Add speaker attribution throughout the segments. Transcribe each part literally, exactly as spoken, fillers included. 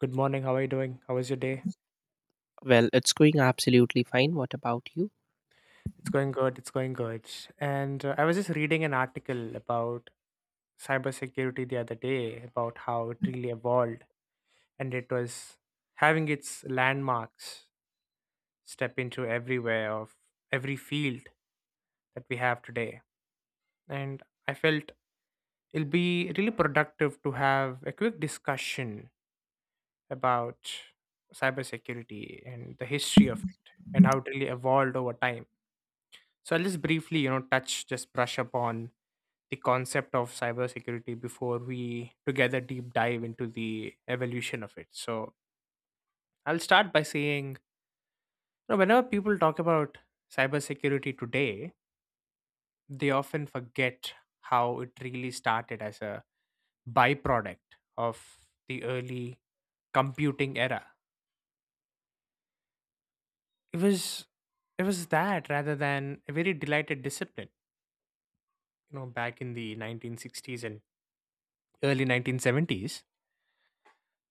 Speaker 1: Good morning. How are you doing? How was your day?
Speaker 2: Well, it's going absolutely fine. What about you?
Speaker 1: It's going good. It's going good. And uh, I was just reading an article about cybersecurity the other day about how it really evolved and it was having its landmarks step into everywhere of every field that we have today. And I felt it'll be really productive to have a quick discussion about cybersecurity and the history of it and how it really evolved over time. So I'll just briefly, you know, touch, just brush upon the concept of cybersecurity before we together deep dive into the evolution of it. So I'll start by saying, you know, whenever people talk about cybersecurity today, they often forget how it really started as a byproduct of the early computing era. It was it was that rather than a very delighted discipline, you know, back in the nineteen sixties and early nineteen seventies.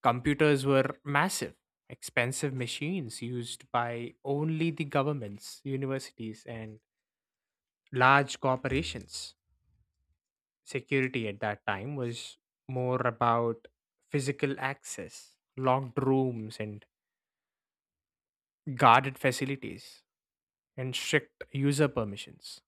Speaker 1: Computers were massive, expensive machines used by only the governments, universities, and large corporations. Security at that time was more about physical access, locked rooms, and guarded facilities, and strict user permissions.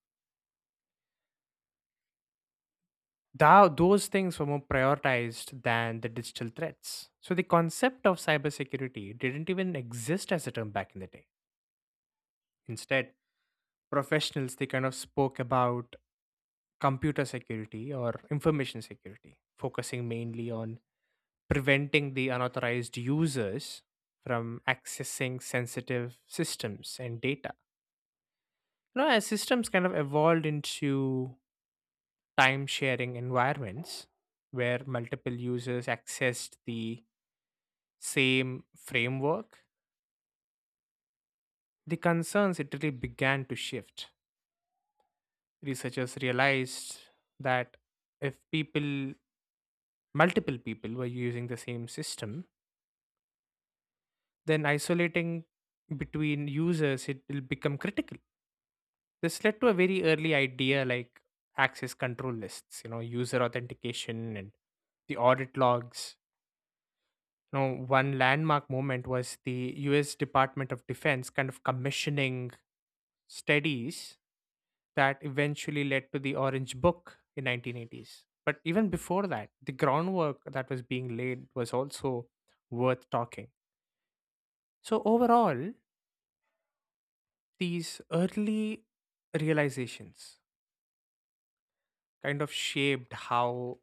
Speaker 1: Thou Those things were more prioritized than the digital threats. So the concept of cybersecurity didn't even exist as a term back in the day. Instead, professionals they kind of spoke about computer security or information security, focusing mainly on preventing the unauthorized users from accessing sensitive systems and data. You know, as systems kind of evolved into time sharing environments where multiple users accessed the same framework, the concerns it really began to shift. Researchers realized that if people multiple people were using the same system, then isolating between users it will become critical. This led to a very early idea like access control lists, you know, user authentication and the audit logs. You know, one landmark moment was the U S Department of Defense kind of commissioning studies that eventually led to the Orange Book in nineteen eighties. But even before that, the groundwork that was being laid was also worth talking. So, overall, these early realizations kind of shaped how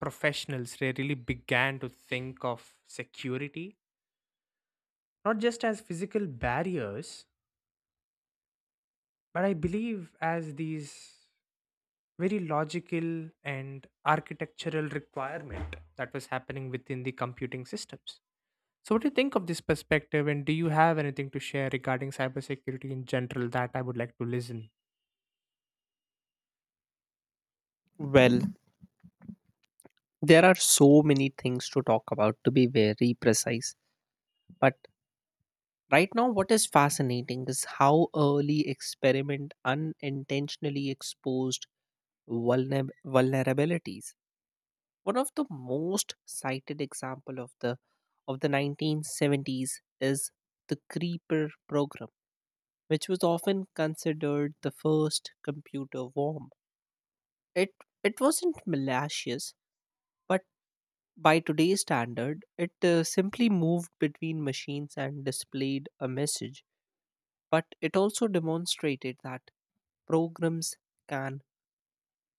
Speaker 1: professionals really began to think of security, not just as physical barriers, but I believe as these very logical and architectural requirement that was happening within the computing systems. So, what do you think of this perspective, and do you have anything to share regarding cybersecurity in general that I would like to listen?
Speaker 2: Well, there are so many things to talk about to be very precise. But right now, what is fascinating is how early experiment unintentionally exposed vulner- vulnerabilities. One of the most cited example of the of the nineteen seventies is the Creeper program, which was often considered the first computer worm. It it wasn't malicious, but by today's standard, it uh, simply moved between machines and displayed a message, but it also demonstrated that programs can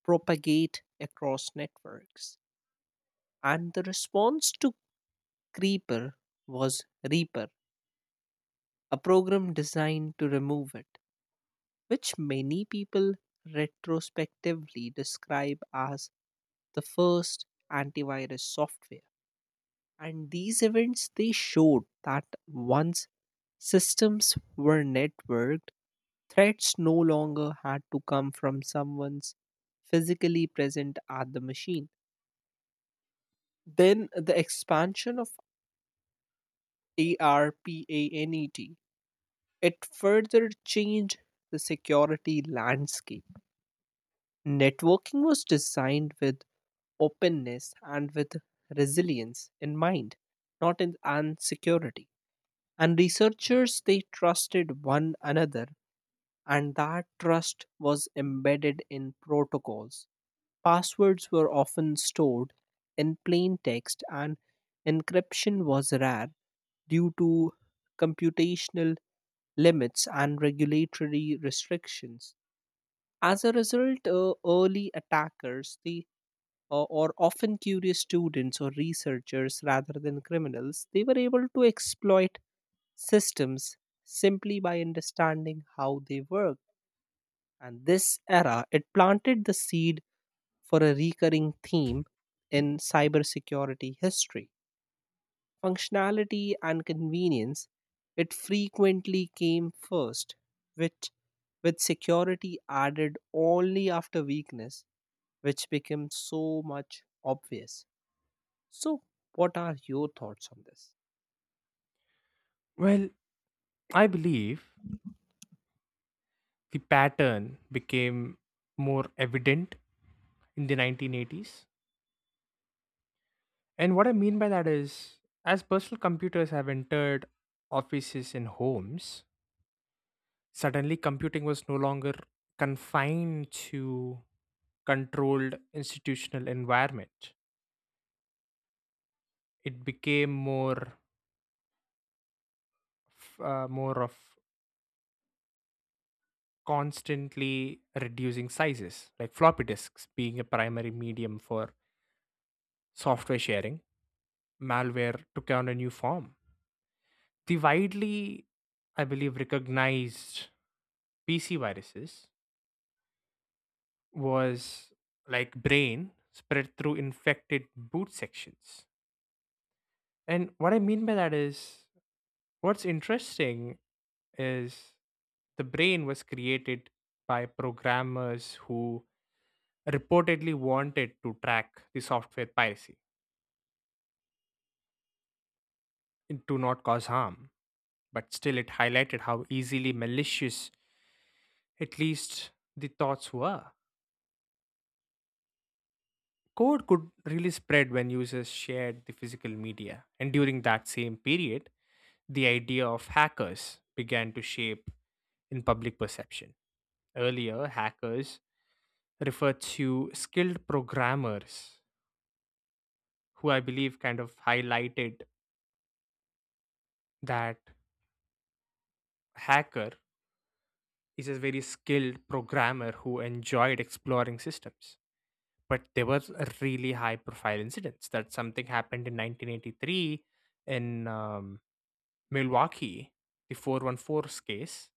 Speaker 2: propagate across networks. And the response to Creeper was Reaper, a program designed to remove it, which many people retrospectively describe as the first antivirus software. And these events they showed that once systems were networked, threats no longer had to come from someone's physically present at the machine. Then the expansion of ARPANET it further changed the security landscape. Networking was designed with openness and with resilience in mind, not in and security. And researchers they trusted one another, and that trust was embedded in protocols. Passwords were often stored in plain text, and encryption was rare due to computational limits and regulatory restrictions. As a result, uh, early attackers the uh, or often curious students or researchers rather than criminals, they were able to exploit systems simply by understanding how they work. And this era, it planted the seed for a recurring theme in cybersecurity history. Functionality and convenience, it frequently came first, which with security added only after weakness, which became so much obvious. So, what are your thoughts on this?
Speaker 1: Well, I believe the pattern became more evident in the nineteen eighties. And what I mean by that is, as personal computers have entered offices and homes, suddenly computing was no longer confined to controlled institutional environment. It became more, f- uh, more of constantly reducing sizes, like floppy disks being a primary medium for software sharing. Malware took on a new form. The widely, I believe, recognized P C viruses was like brain spread through infected boot sections. And what I mean by that is, what's interesting is the brain was created by programmers who reportedly wanted to track the software piracy and to not cause harm. But still, it highlighted how easily malicious, at least the thoughts were. Code could really spread when users shared the physical media. And during that same period, the idea of hackers began to shape in public perception. Earlier, hackers referred to skilled programmers, who I believe kind of highlighted that hacker is a very skilled programmer who enjoyed exploring systems. But there was a really high profile incidents that something happened in nineteen eighty-three in um, Milwaukee, the four one four case,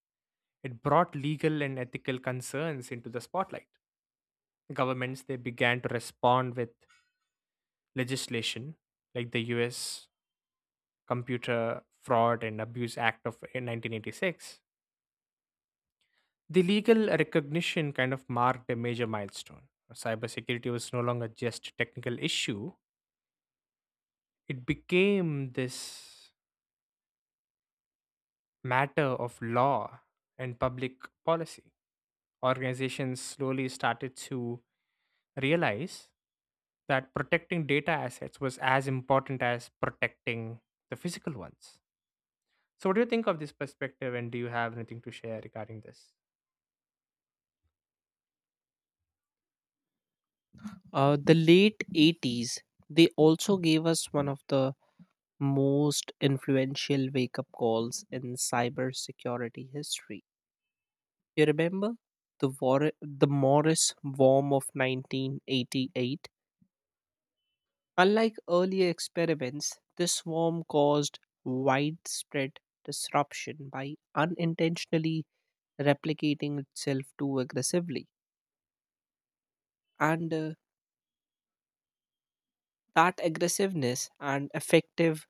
Speaker 1: it brought legal and ethical concerns into the spotlight. Governments they began to respond with legislation like the U S Computer Fraud and Abuse Act of nineteen eighty-six. The legal recognition kind of marked a major milestone. Cybersecurity was no longer just a technical issue, it became this matter of law and public policy. Organizations slowly started to realize that protecting data assets was as important as protecting the physical ones. So, what do you think of this perspective, and do you have anything to share regarding this?
Speaker 2: Uh, the late eighties, they also gave us one of the most influential wake up calls in cybersecurity history. You remember the War- the Morris worm of nineteen eighty-eight? Unlike earlier experiments, this worm caused widespread disruption by unintentionally replicating itself too aggressively. And uh, that aggressiveness and effective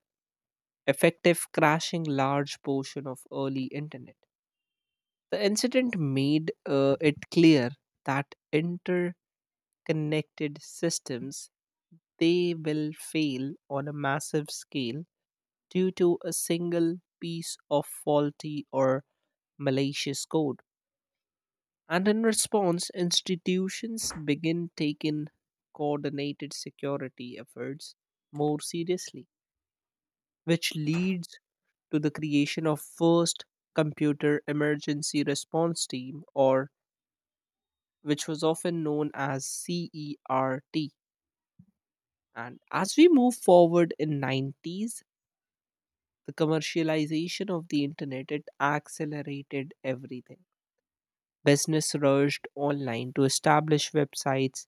Speaker 2: effective crashing large portion of early internet. The incident made uh, it clear that interconnected systems they will fail on a massive scale due to a single piece of faulty or malicious code. And in response, institutions begin taking coordinated security efforts more seriously, which leads to the creation of first computer emergency response team, or which was often known as CERT. And as we move forward in nineties, the commercialization of the internet it accelerated everything. Business rushed online to establish websites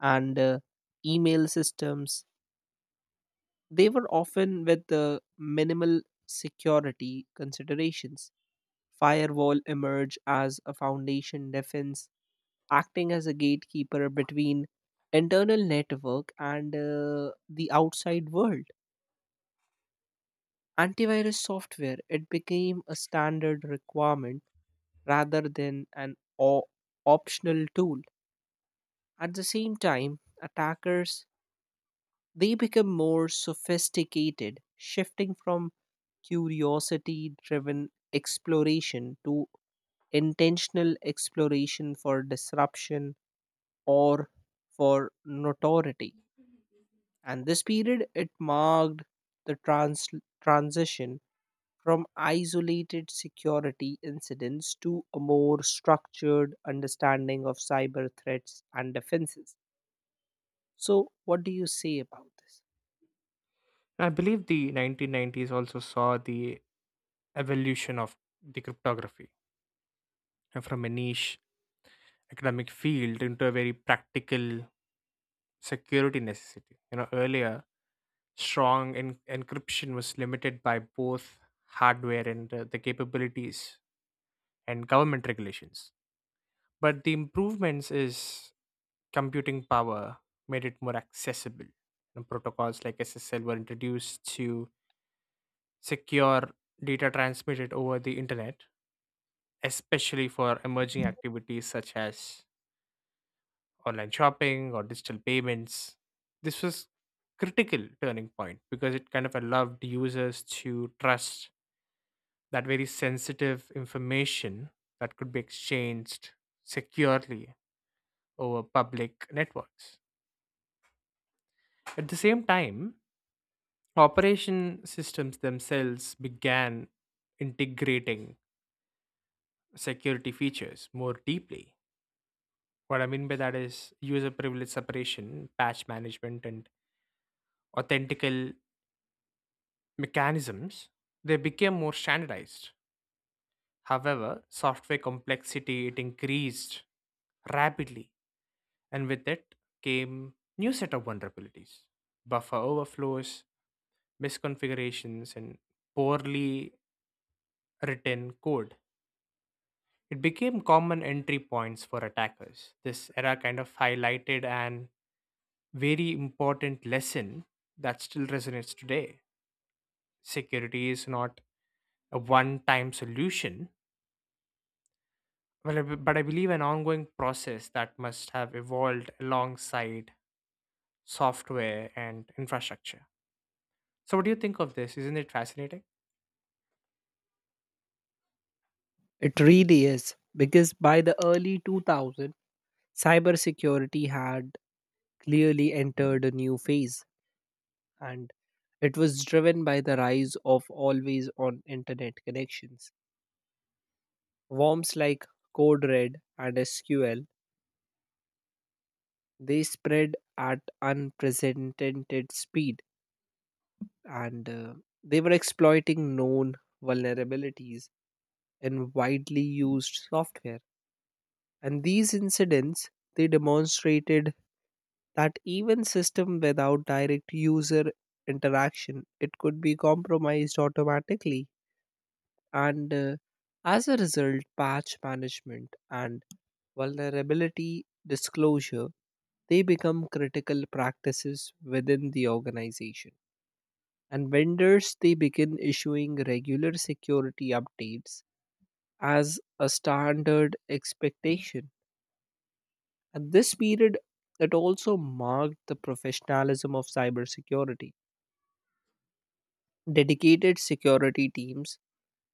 Speaker 2: and uh, email systems. They were often with the minimal security considerations. Firewall emerged as a foundation defense, acting as a gatekeeper between internal network and uh, the outside world. Antivirus software it became a standard requirement rather than an o- optional tool. At the same time, attackers they become more sophisticated, shifting from curiosity-driven exploration to intentional exploration for disruption or for notoriety. And this period it marked the trans- transition from isolated security incidents to a more structured understanding of cyber threats and defenses. So what do you say about this?
Speaker 1: I believe the nineteen nineties also saw the evolution of the cryptography, uh, from a niche academic field into a very practical security necessity. You know, earlier, strong en- encryption was limited by both hardware and uh, the capabilities and government regulations, but the improvements is computing power made it more accessible, and protocols like ssl were introduced to secure data transmitted over the internet, especially for emerging activities such as online shopping or digital payments. This was critical turning point because it kind of allowed users to trust that very sensitive information that could be exchanged securely over public networks. At the same time, operation systems themselves began integrating security features more deeply. What I mean by that is user privilege separation, patch management, and authentical mechanisms. They became more standardized. However, software complexity it increased rapidly, and with it came new set of vulnerabilities, buffer overflows, misconfigurations, and poorly written code. It became common entry points for attackers. This era kind of highlighted an very important lesson that still resonates today. Security is not a one time solution, well, I b- but I believe an ongoing process that must have evolved alongside software and infrastructure. So, what do you think of this? Isn't it fascinating?
Speaker 2: It really is, because by the early two thousand cybersecurity had clearly entered a new phase, and it was driven by the rise of always on internet connections. Worms like code red and S Q L, they spread at unprecedented speed, and uh, they were exploiting known vulnerabilities in widely used software. And these incidents they demonstrated that even system without direct user interaction it could be compromised automatically. And uh, as a result, patch management and vulnerability disclosure they become critical practices within the organization. And vendors they begin issuing regular security updates as a standard expectation. And this period it also marked the professionalism of cybersecurity. Dedicated security teams,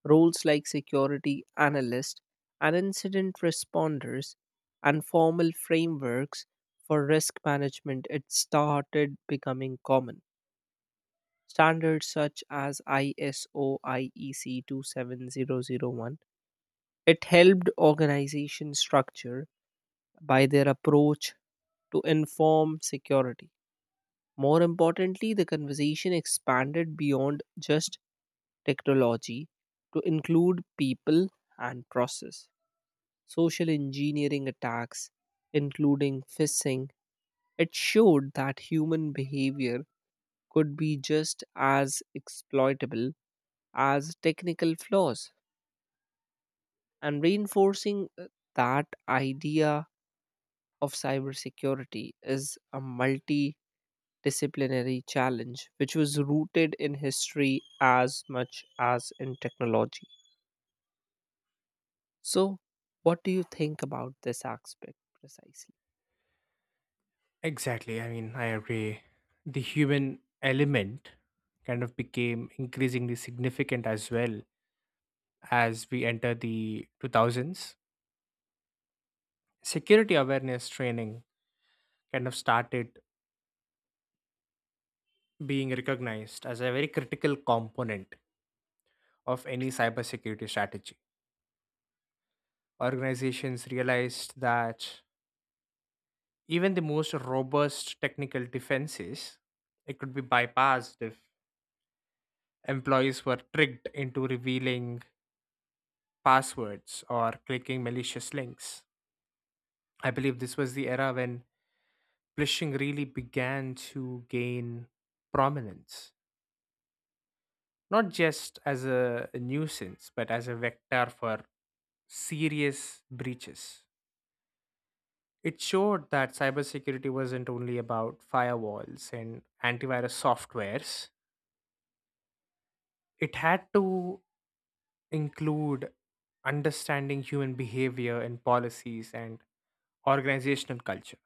Speaker 2: roles like security analyst and incident responders and formal frameworks for risk management it started becoming common. Standards such as ISO I E C two seven oh oh one it helped organization structure by their approach to inform security. More importantly, the conversation expanded beyond just technology to include people and process. Social engineering attacks, including phishing, it showed that human behavior could be just as exploitable as technical flaws. And reinforcing uh, that idea of cybersecurity is a multidisciplinary challenge which was rooted in history as much as in technology. So, what do you think about this aspect precisely?
Speaker 1: Exactly. I mean, I agree. The human element kind of became increasingly significant as well. As we enter the two thousands, security awareness training kind of started being recognized as a very critical component of any cybersecurity strategy. Organizations realized that even the most robust technical defenses it could be bypassed if employees were tricked into revealing passwords or clicking malicious links. I believe this was the era when phishing really began to gain prominence, not just as a nuisance, but as a vector for serious breaches. It showed that cybersecurity wasn't only about firewalls and antivirus softwares, it had to include understanding human behavior and policies and organizational culture.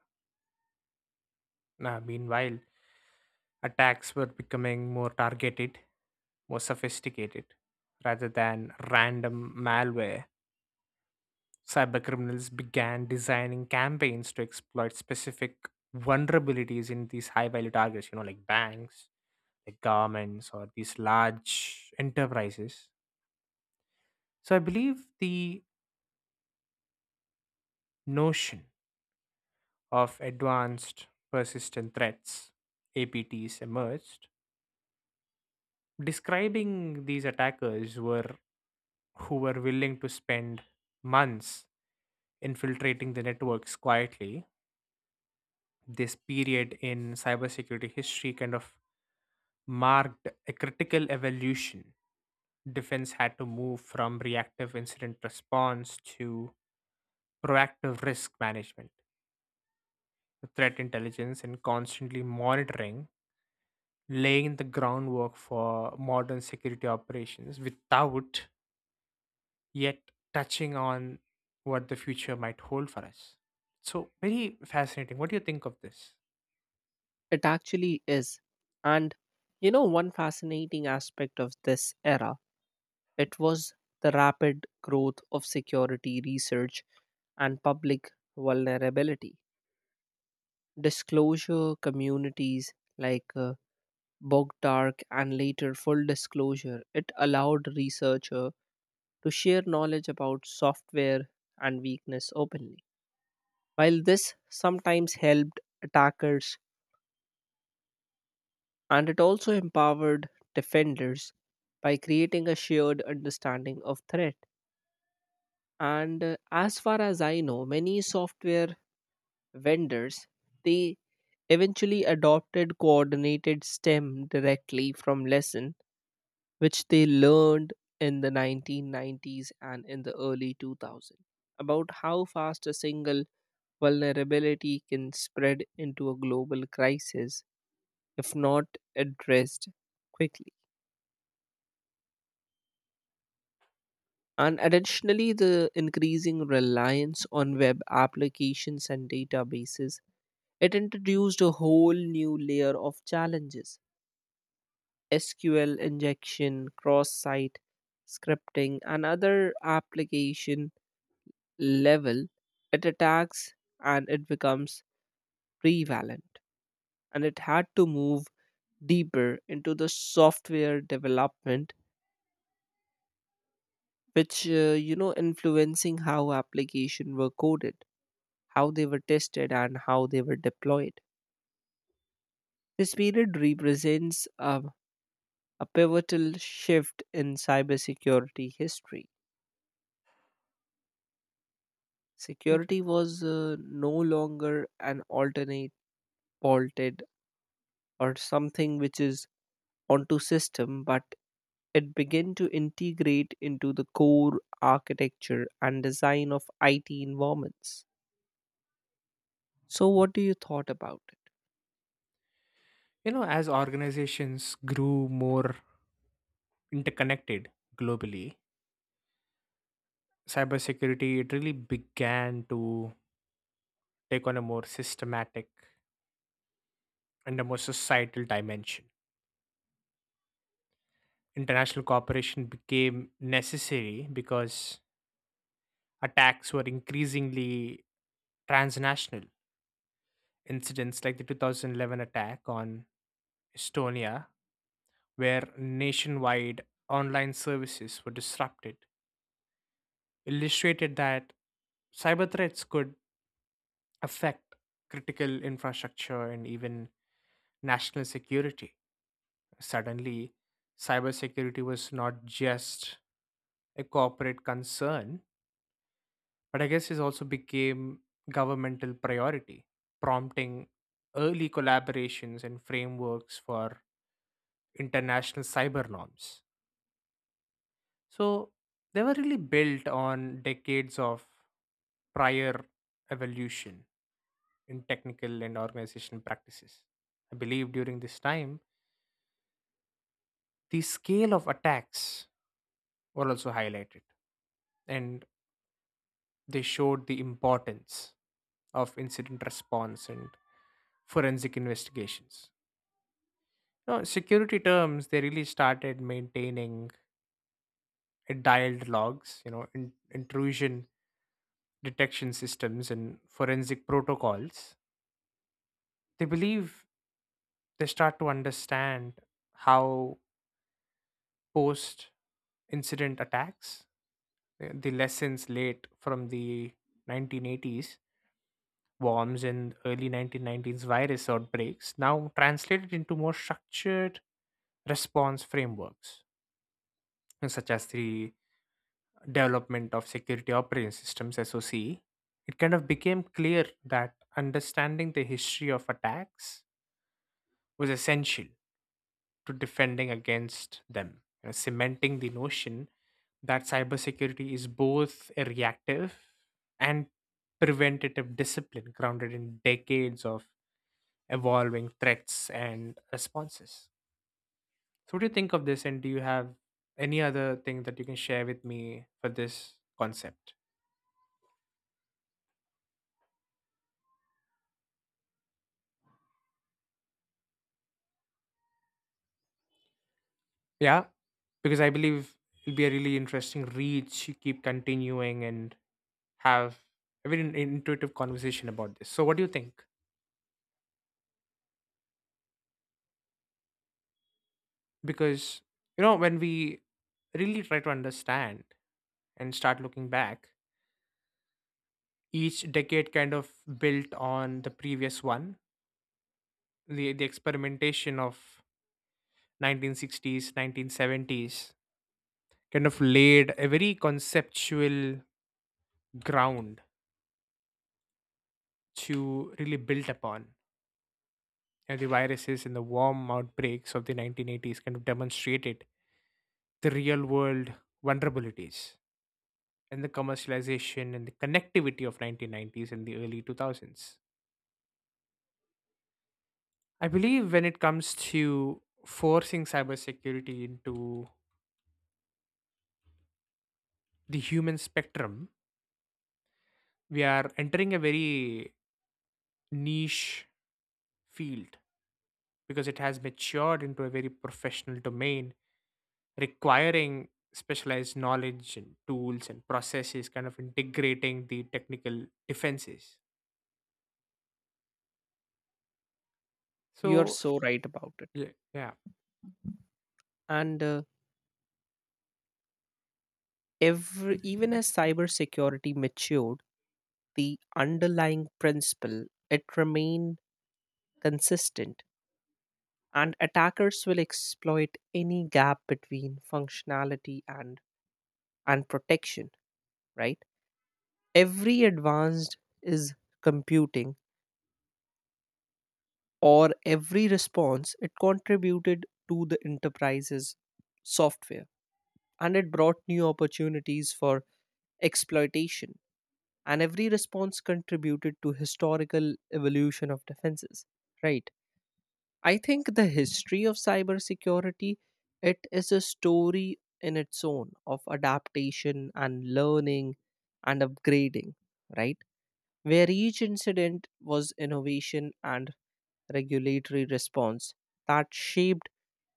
Speaker 1: Now, meanwhile, attacks were becoming more targeted, more sophisticated, rather than random malware. Cybercriminals began designing campaigns to exploit specific vulnerabilities in these high value targets, you know, like banks, like governments, or these large enterprises. So I believe the notion of advanced persistent threats, A P Ts, emerged. Describing these attackers were who were willing to spend months infiltrating the networks quietly. This period in cybersecurity history kind of marked a critical evolution. Defense had to move from reactive incident response to proactive risk management, threat intelligence, and constantly monitoring, laying the groundwork for modern security operations without yet touching on what the future might hold for us. So, very fascinating. What do you think of this?
Speaker 2: It actually is. And you know, one fascinating aspect of this era, it was the rapid growth of security research and public vulnerability. Disclosure communities like uh, Bogdark and later Full Disclosure, it allowed researcher to share knowledge about software and weakness openly. While this sometimes helped attackers, and it also empowered defenders by creating a shared understanding of threat. And uh, as far as I know, many software vendors they eventually adopted coordinated stem directly from lesson which they learned in the nineteen nineties and in the early two thousands about how fast a single vulnerability can spread into a global crisis if not addressed quickly. And additionally, the increasing reliance on web applications and databases, it introduced a whole new layer of challenges. S Q L injection, cross site scripting, and other application level, it attacks and it becomes prevalent. And it had to move deeper into the software development, which, uh, you know, influencing how applications were coded, how they were tested, and how they were deployed. This period represents a, a pivotal shift in cybersecurity history.
Speaker 1: Inter-
Speaker 2: Security was uh, no longer an alternate vaulted or something which is onto system, but it began to integrate into the core architecture and design of I T environments. So, what do you thought about it?
Speaker 1: You know, as organizations grew more interconnected globally, cybersecurity it really began to take on a more systematic and a more societal dimension. International cooperation became necessary because attacks were increasingly transnational. Incidents like the two thousand eleven attack on Estonia, where nationwide online services were disrupted, illustrated that cyber threats could affect critical infrastructure and even national security. Suddenly, cybersecurity was not just a corporate concern, but I guess it also became governmental priority, prompting early collaborations and frameworks for international cyber norms. So they were really built on decades of prior evolution in technical and organization practices. I believe during this time, the scale of attacks were also highlighted, and they showed the importance of incident response and forensic investigations. Now, security terms, they really started maintaining a dialed logs, you know, in, intrusion detection systems and forensic protocols. They believe they start to understand how post incident attacks, uh, the lessons late from the nineteen eighties worms and early nineteen nineties virus outbreaks now translated into more structured response frameworks, and such as the development of security operating systems S O C, it kind of became clear that understanding the history of attacks was essential to defending against them, you know, cementing the notion that cybersecurity is both a reactive and preventative discipline grounded in decades of evolving threats and responses. So, what do you think of this? And do you have any other thing that you can share with me for this concept? Yeah, because I believe it'll be a really interesting reach. You keep continuing and have a very intuitive conversation about this. So, what do you think? Because you know, when we really try to understand and start looking back, each decade kind of built on the previous one. The, the experimentation of nineteen sixties, nineteen seventies kind of laid a very conceptual ground to really build upon, and the viruses and the warm outbreaks of the nineteen eighties kind of demonstrated the real world vulnerabilities, and the commercialization and the connectivity of nineteen nineties and the early two thousands. I believe when it comes to forcing cybersecurity into the human spectrum, we are entering a very niche field because it has matured into a very professional domain requiring specialized knowledge and tools and processes kind of integrating the technical defenses.
Speaker 2: You're
Speaker 1: So,
Speaker 2: so right about it.
Speaker 1: yeah, yeah.
Speaker 2: And uh, every, even as cybersecurity matured, the underlying principle, it remain consistent, and attackers will exploit any gap between functionality and and protection, right? Every advanced is computing or every response it contributed to the enterprise's software, and it brought new opportunities for exploitation, and every response contributed to historical evolution of defenses, right? I think the history of cybersecurity, it is a story in its own of adaptation and learning and upgrading, right? Where each incident was innovation and regulatory response that shaped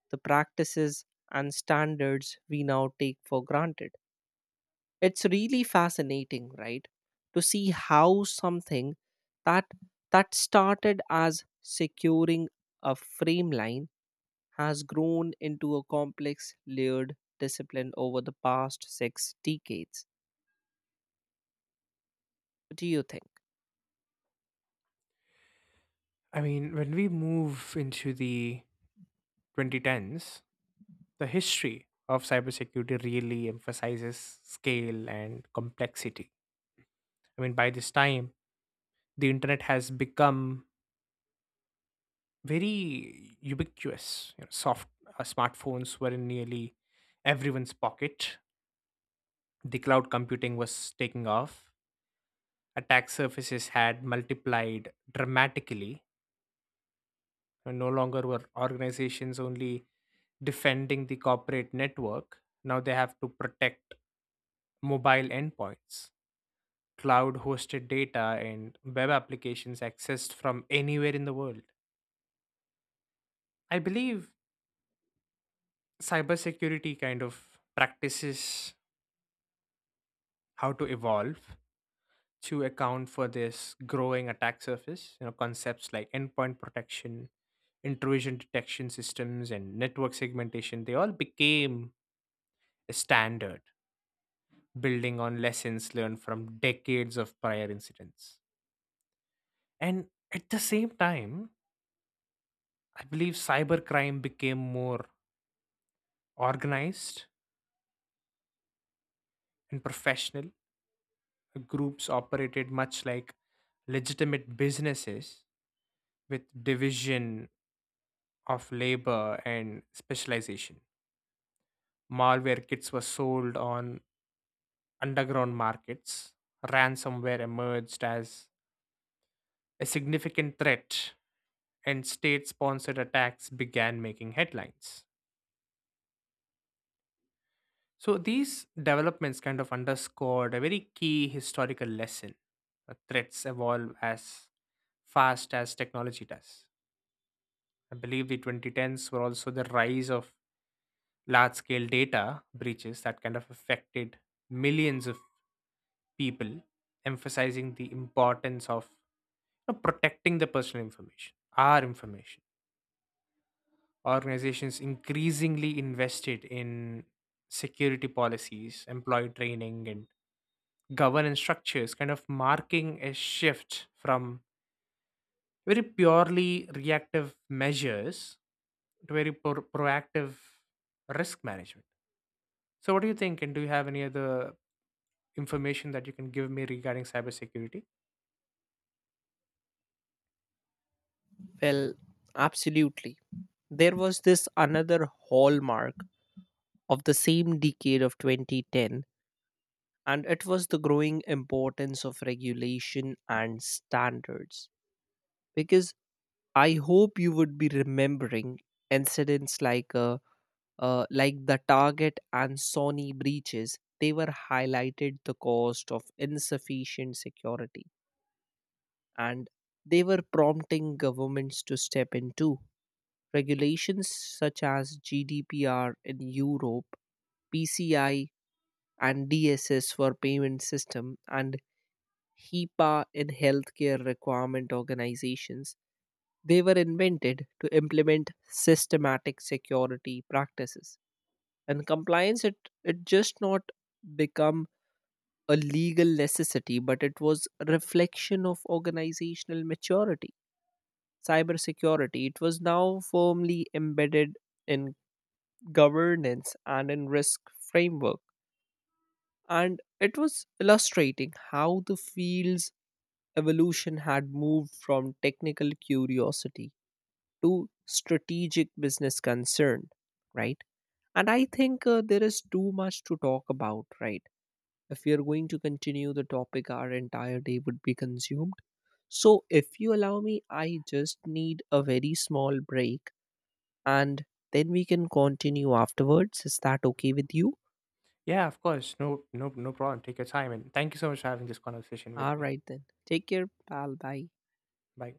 Speaker 2: the practices and standards we now take for granted. It's really fascinating, right? To see how something that that started as securing a frame line has grown into a complex, layered discipline over the past six decades. What do you think?
Speaker 1: I mean, when we move into the twenty tens, the history of cybersecurity really emphasizes scale and complexity. I mean, by this time, the internet has become very ubiquitous. You know, soft uh, smartphones were in nearly everyone's pocket. The cloud computing was taking off. Attack surfaces had multiplied dramatically. And no longer were organizations only defending the corporate network. Now they have to protect mobile endpoints, cloud hosted data, and web applications accessed from anywhere in the world. I believe cybersecurity kind of practices how to evolve to account for this growing attack surface. You know, concepts like endpoint protection, intrusion detection systems, and network segmentation, they all became a standard, building on lessons learned from decades of prior incidents. And at the same time, I believe cybercrime became more organized and professional. Groups operated much like legitimate businesses with division of labor and specialization. Malware kits were sold on underground markets. Ransomware emerged as a significant threat, and state sponsored attacks began making headlines. So these developments kind of underscored a very key historical lesson. Uh, Threats evolve as fast as technology does. I believe the twenty tens were also the rise of large scale data breaches that kind of affected millions of people, emphasizing the importance of, you know, protecting the personal information, our information. Organizations increasingly invested in security policies, employee training, and governance structures, kind of marking a shift from very purely reactive measures to very pro- proactive risk management. So, what do you think? And do you have any other information that you can give me regarding cybersecurity?
Speaker 2: Well, absolutely. There was this another hallmark of the same decade of twenty ten, and it was the growing importance of regulation and standards. Because I hope you would be remembering incidents like uh, uh, like the Target and Sony breaches, they were highlighted the cost of insufficient security, and they were prompting governments to step in too. Regulations such as G D P R in Europe, P C I and D S S for payment system and HIPAA in healthcare requirement organizations, they were invented to implement systematic security practices. And compliance it it just not become a legal necessity, but it was a reflection of organizational maturity. Cybersecurity it was now firmly embedded in governance and in risk framework, and it was illustrating how the field's evolution had moved from technical curiosity to strategic business concern, right? And I think uh, there is too much to talk about, right? If we are going to continue the topic, our entire day would be consumed. So, if you allow me, I just need a very small break, and then we can continue afterwards. Is that okay with you?
Speaker 1: Yeah, of course. No, no, no problem. Take your time. And thank you so much for having this conversation with
Speaker 2: All
Speaker 1: me.
Speaker 2: right, then. Take care, pal. Bye.
Speaker 1: Bye.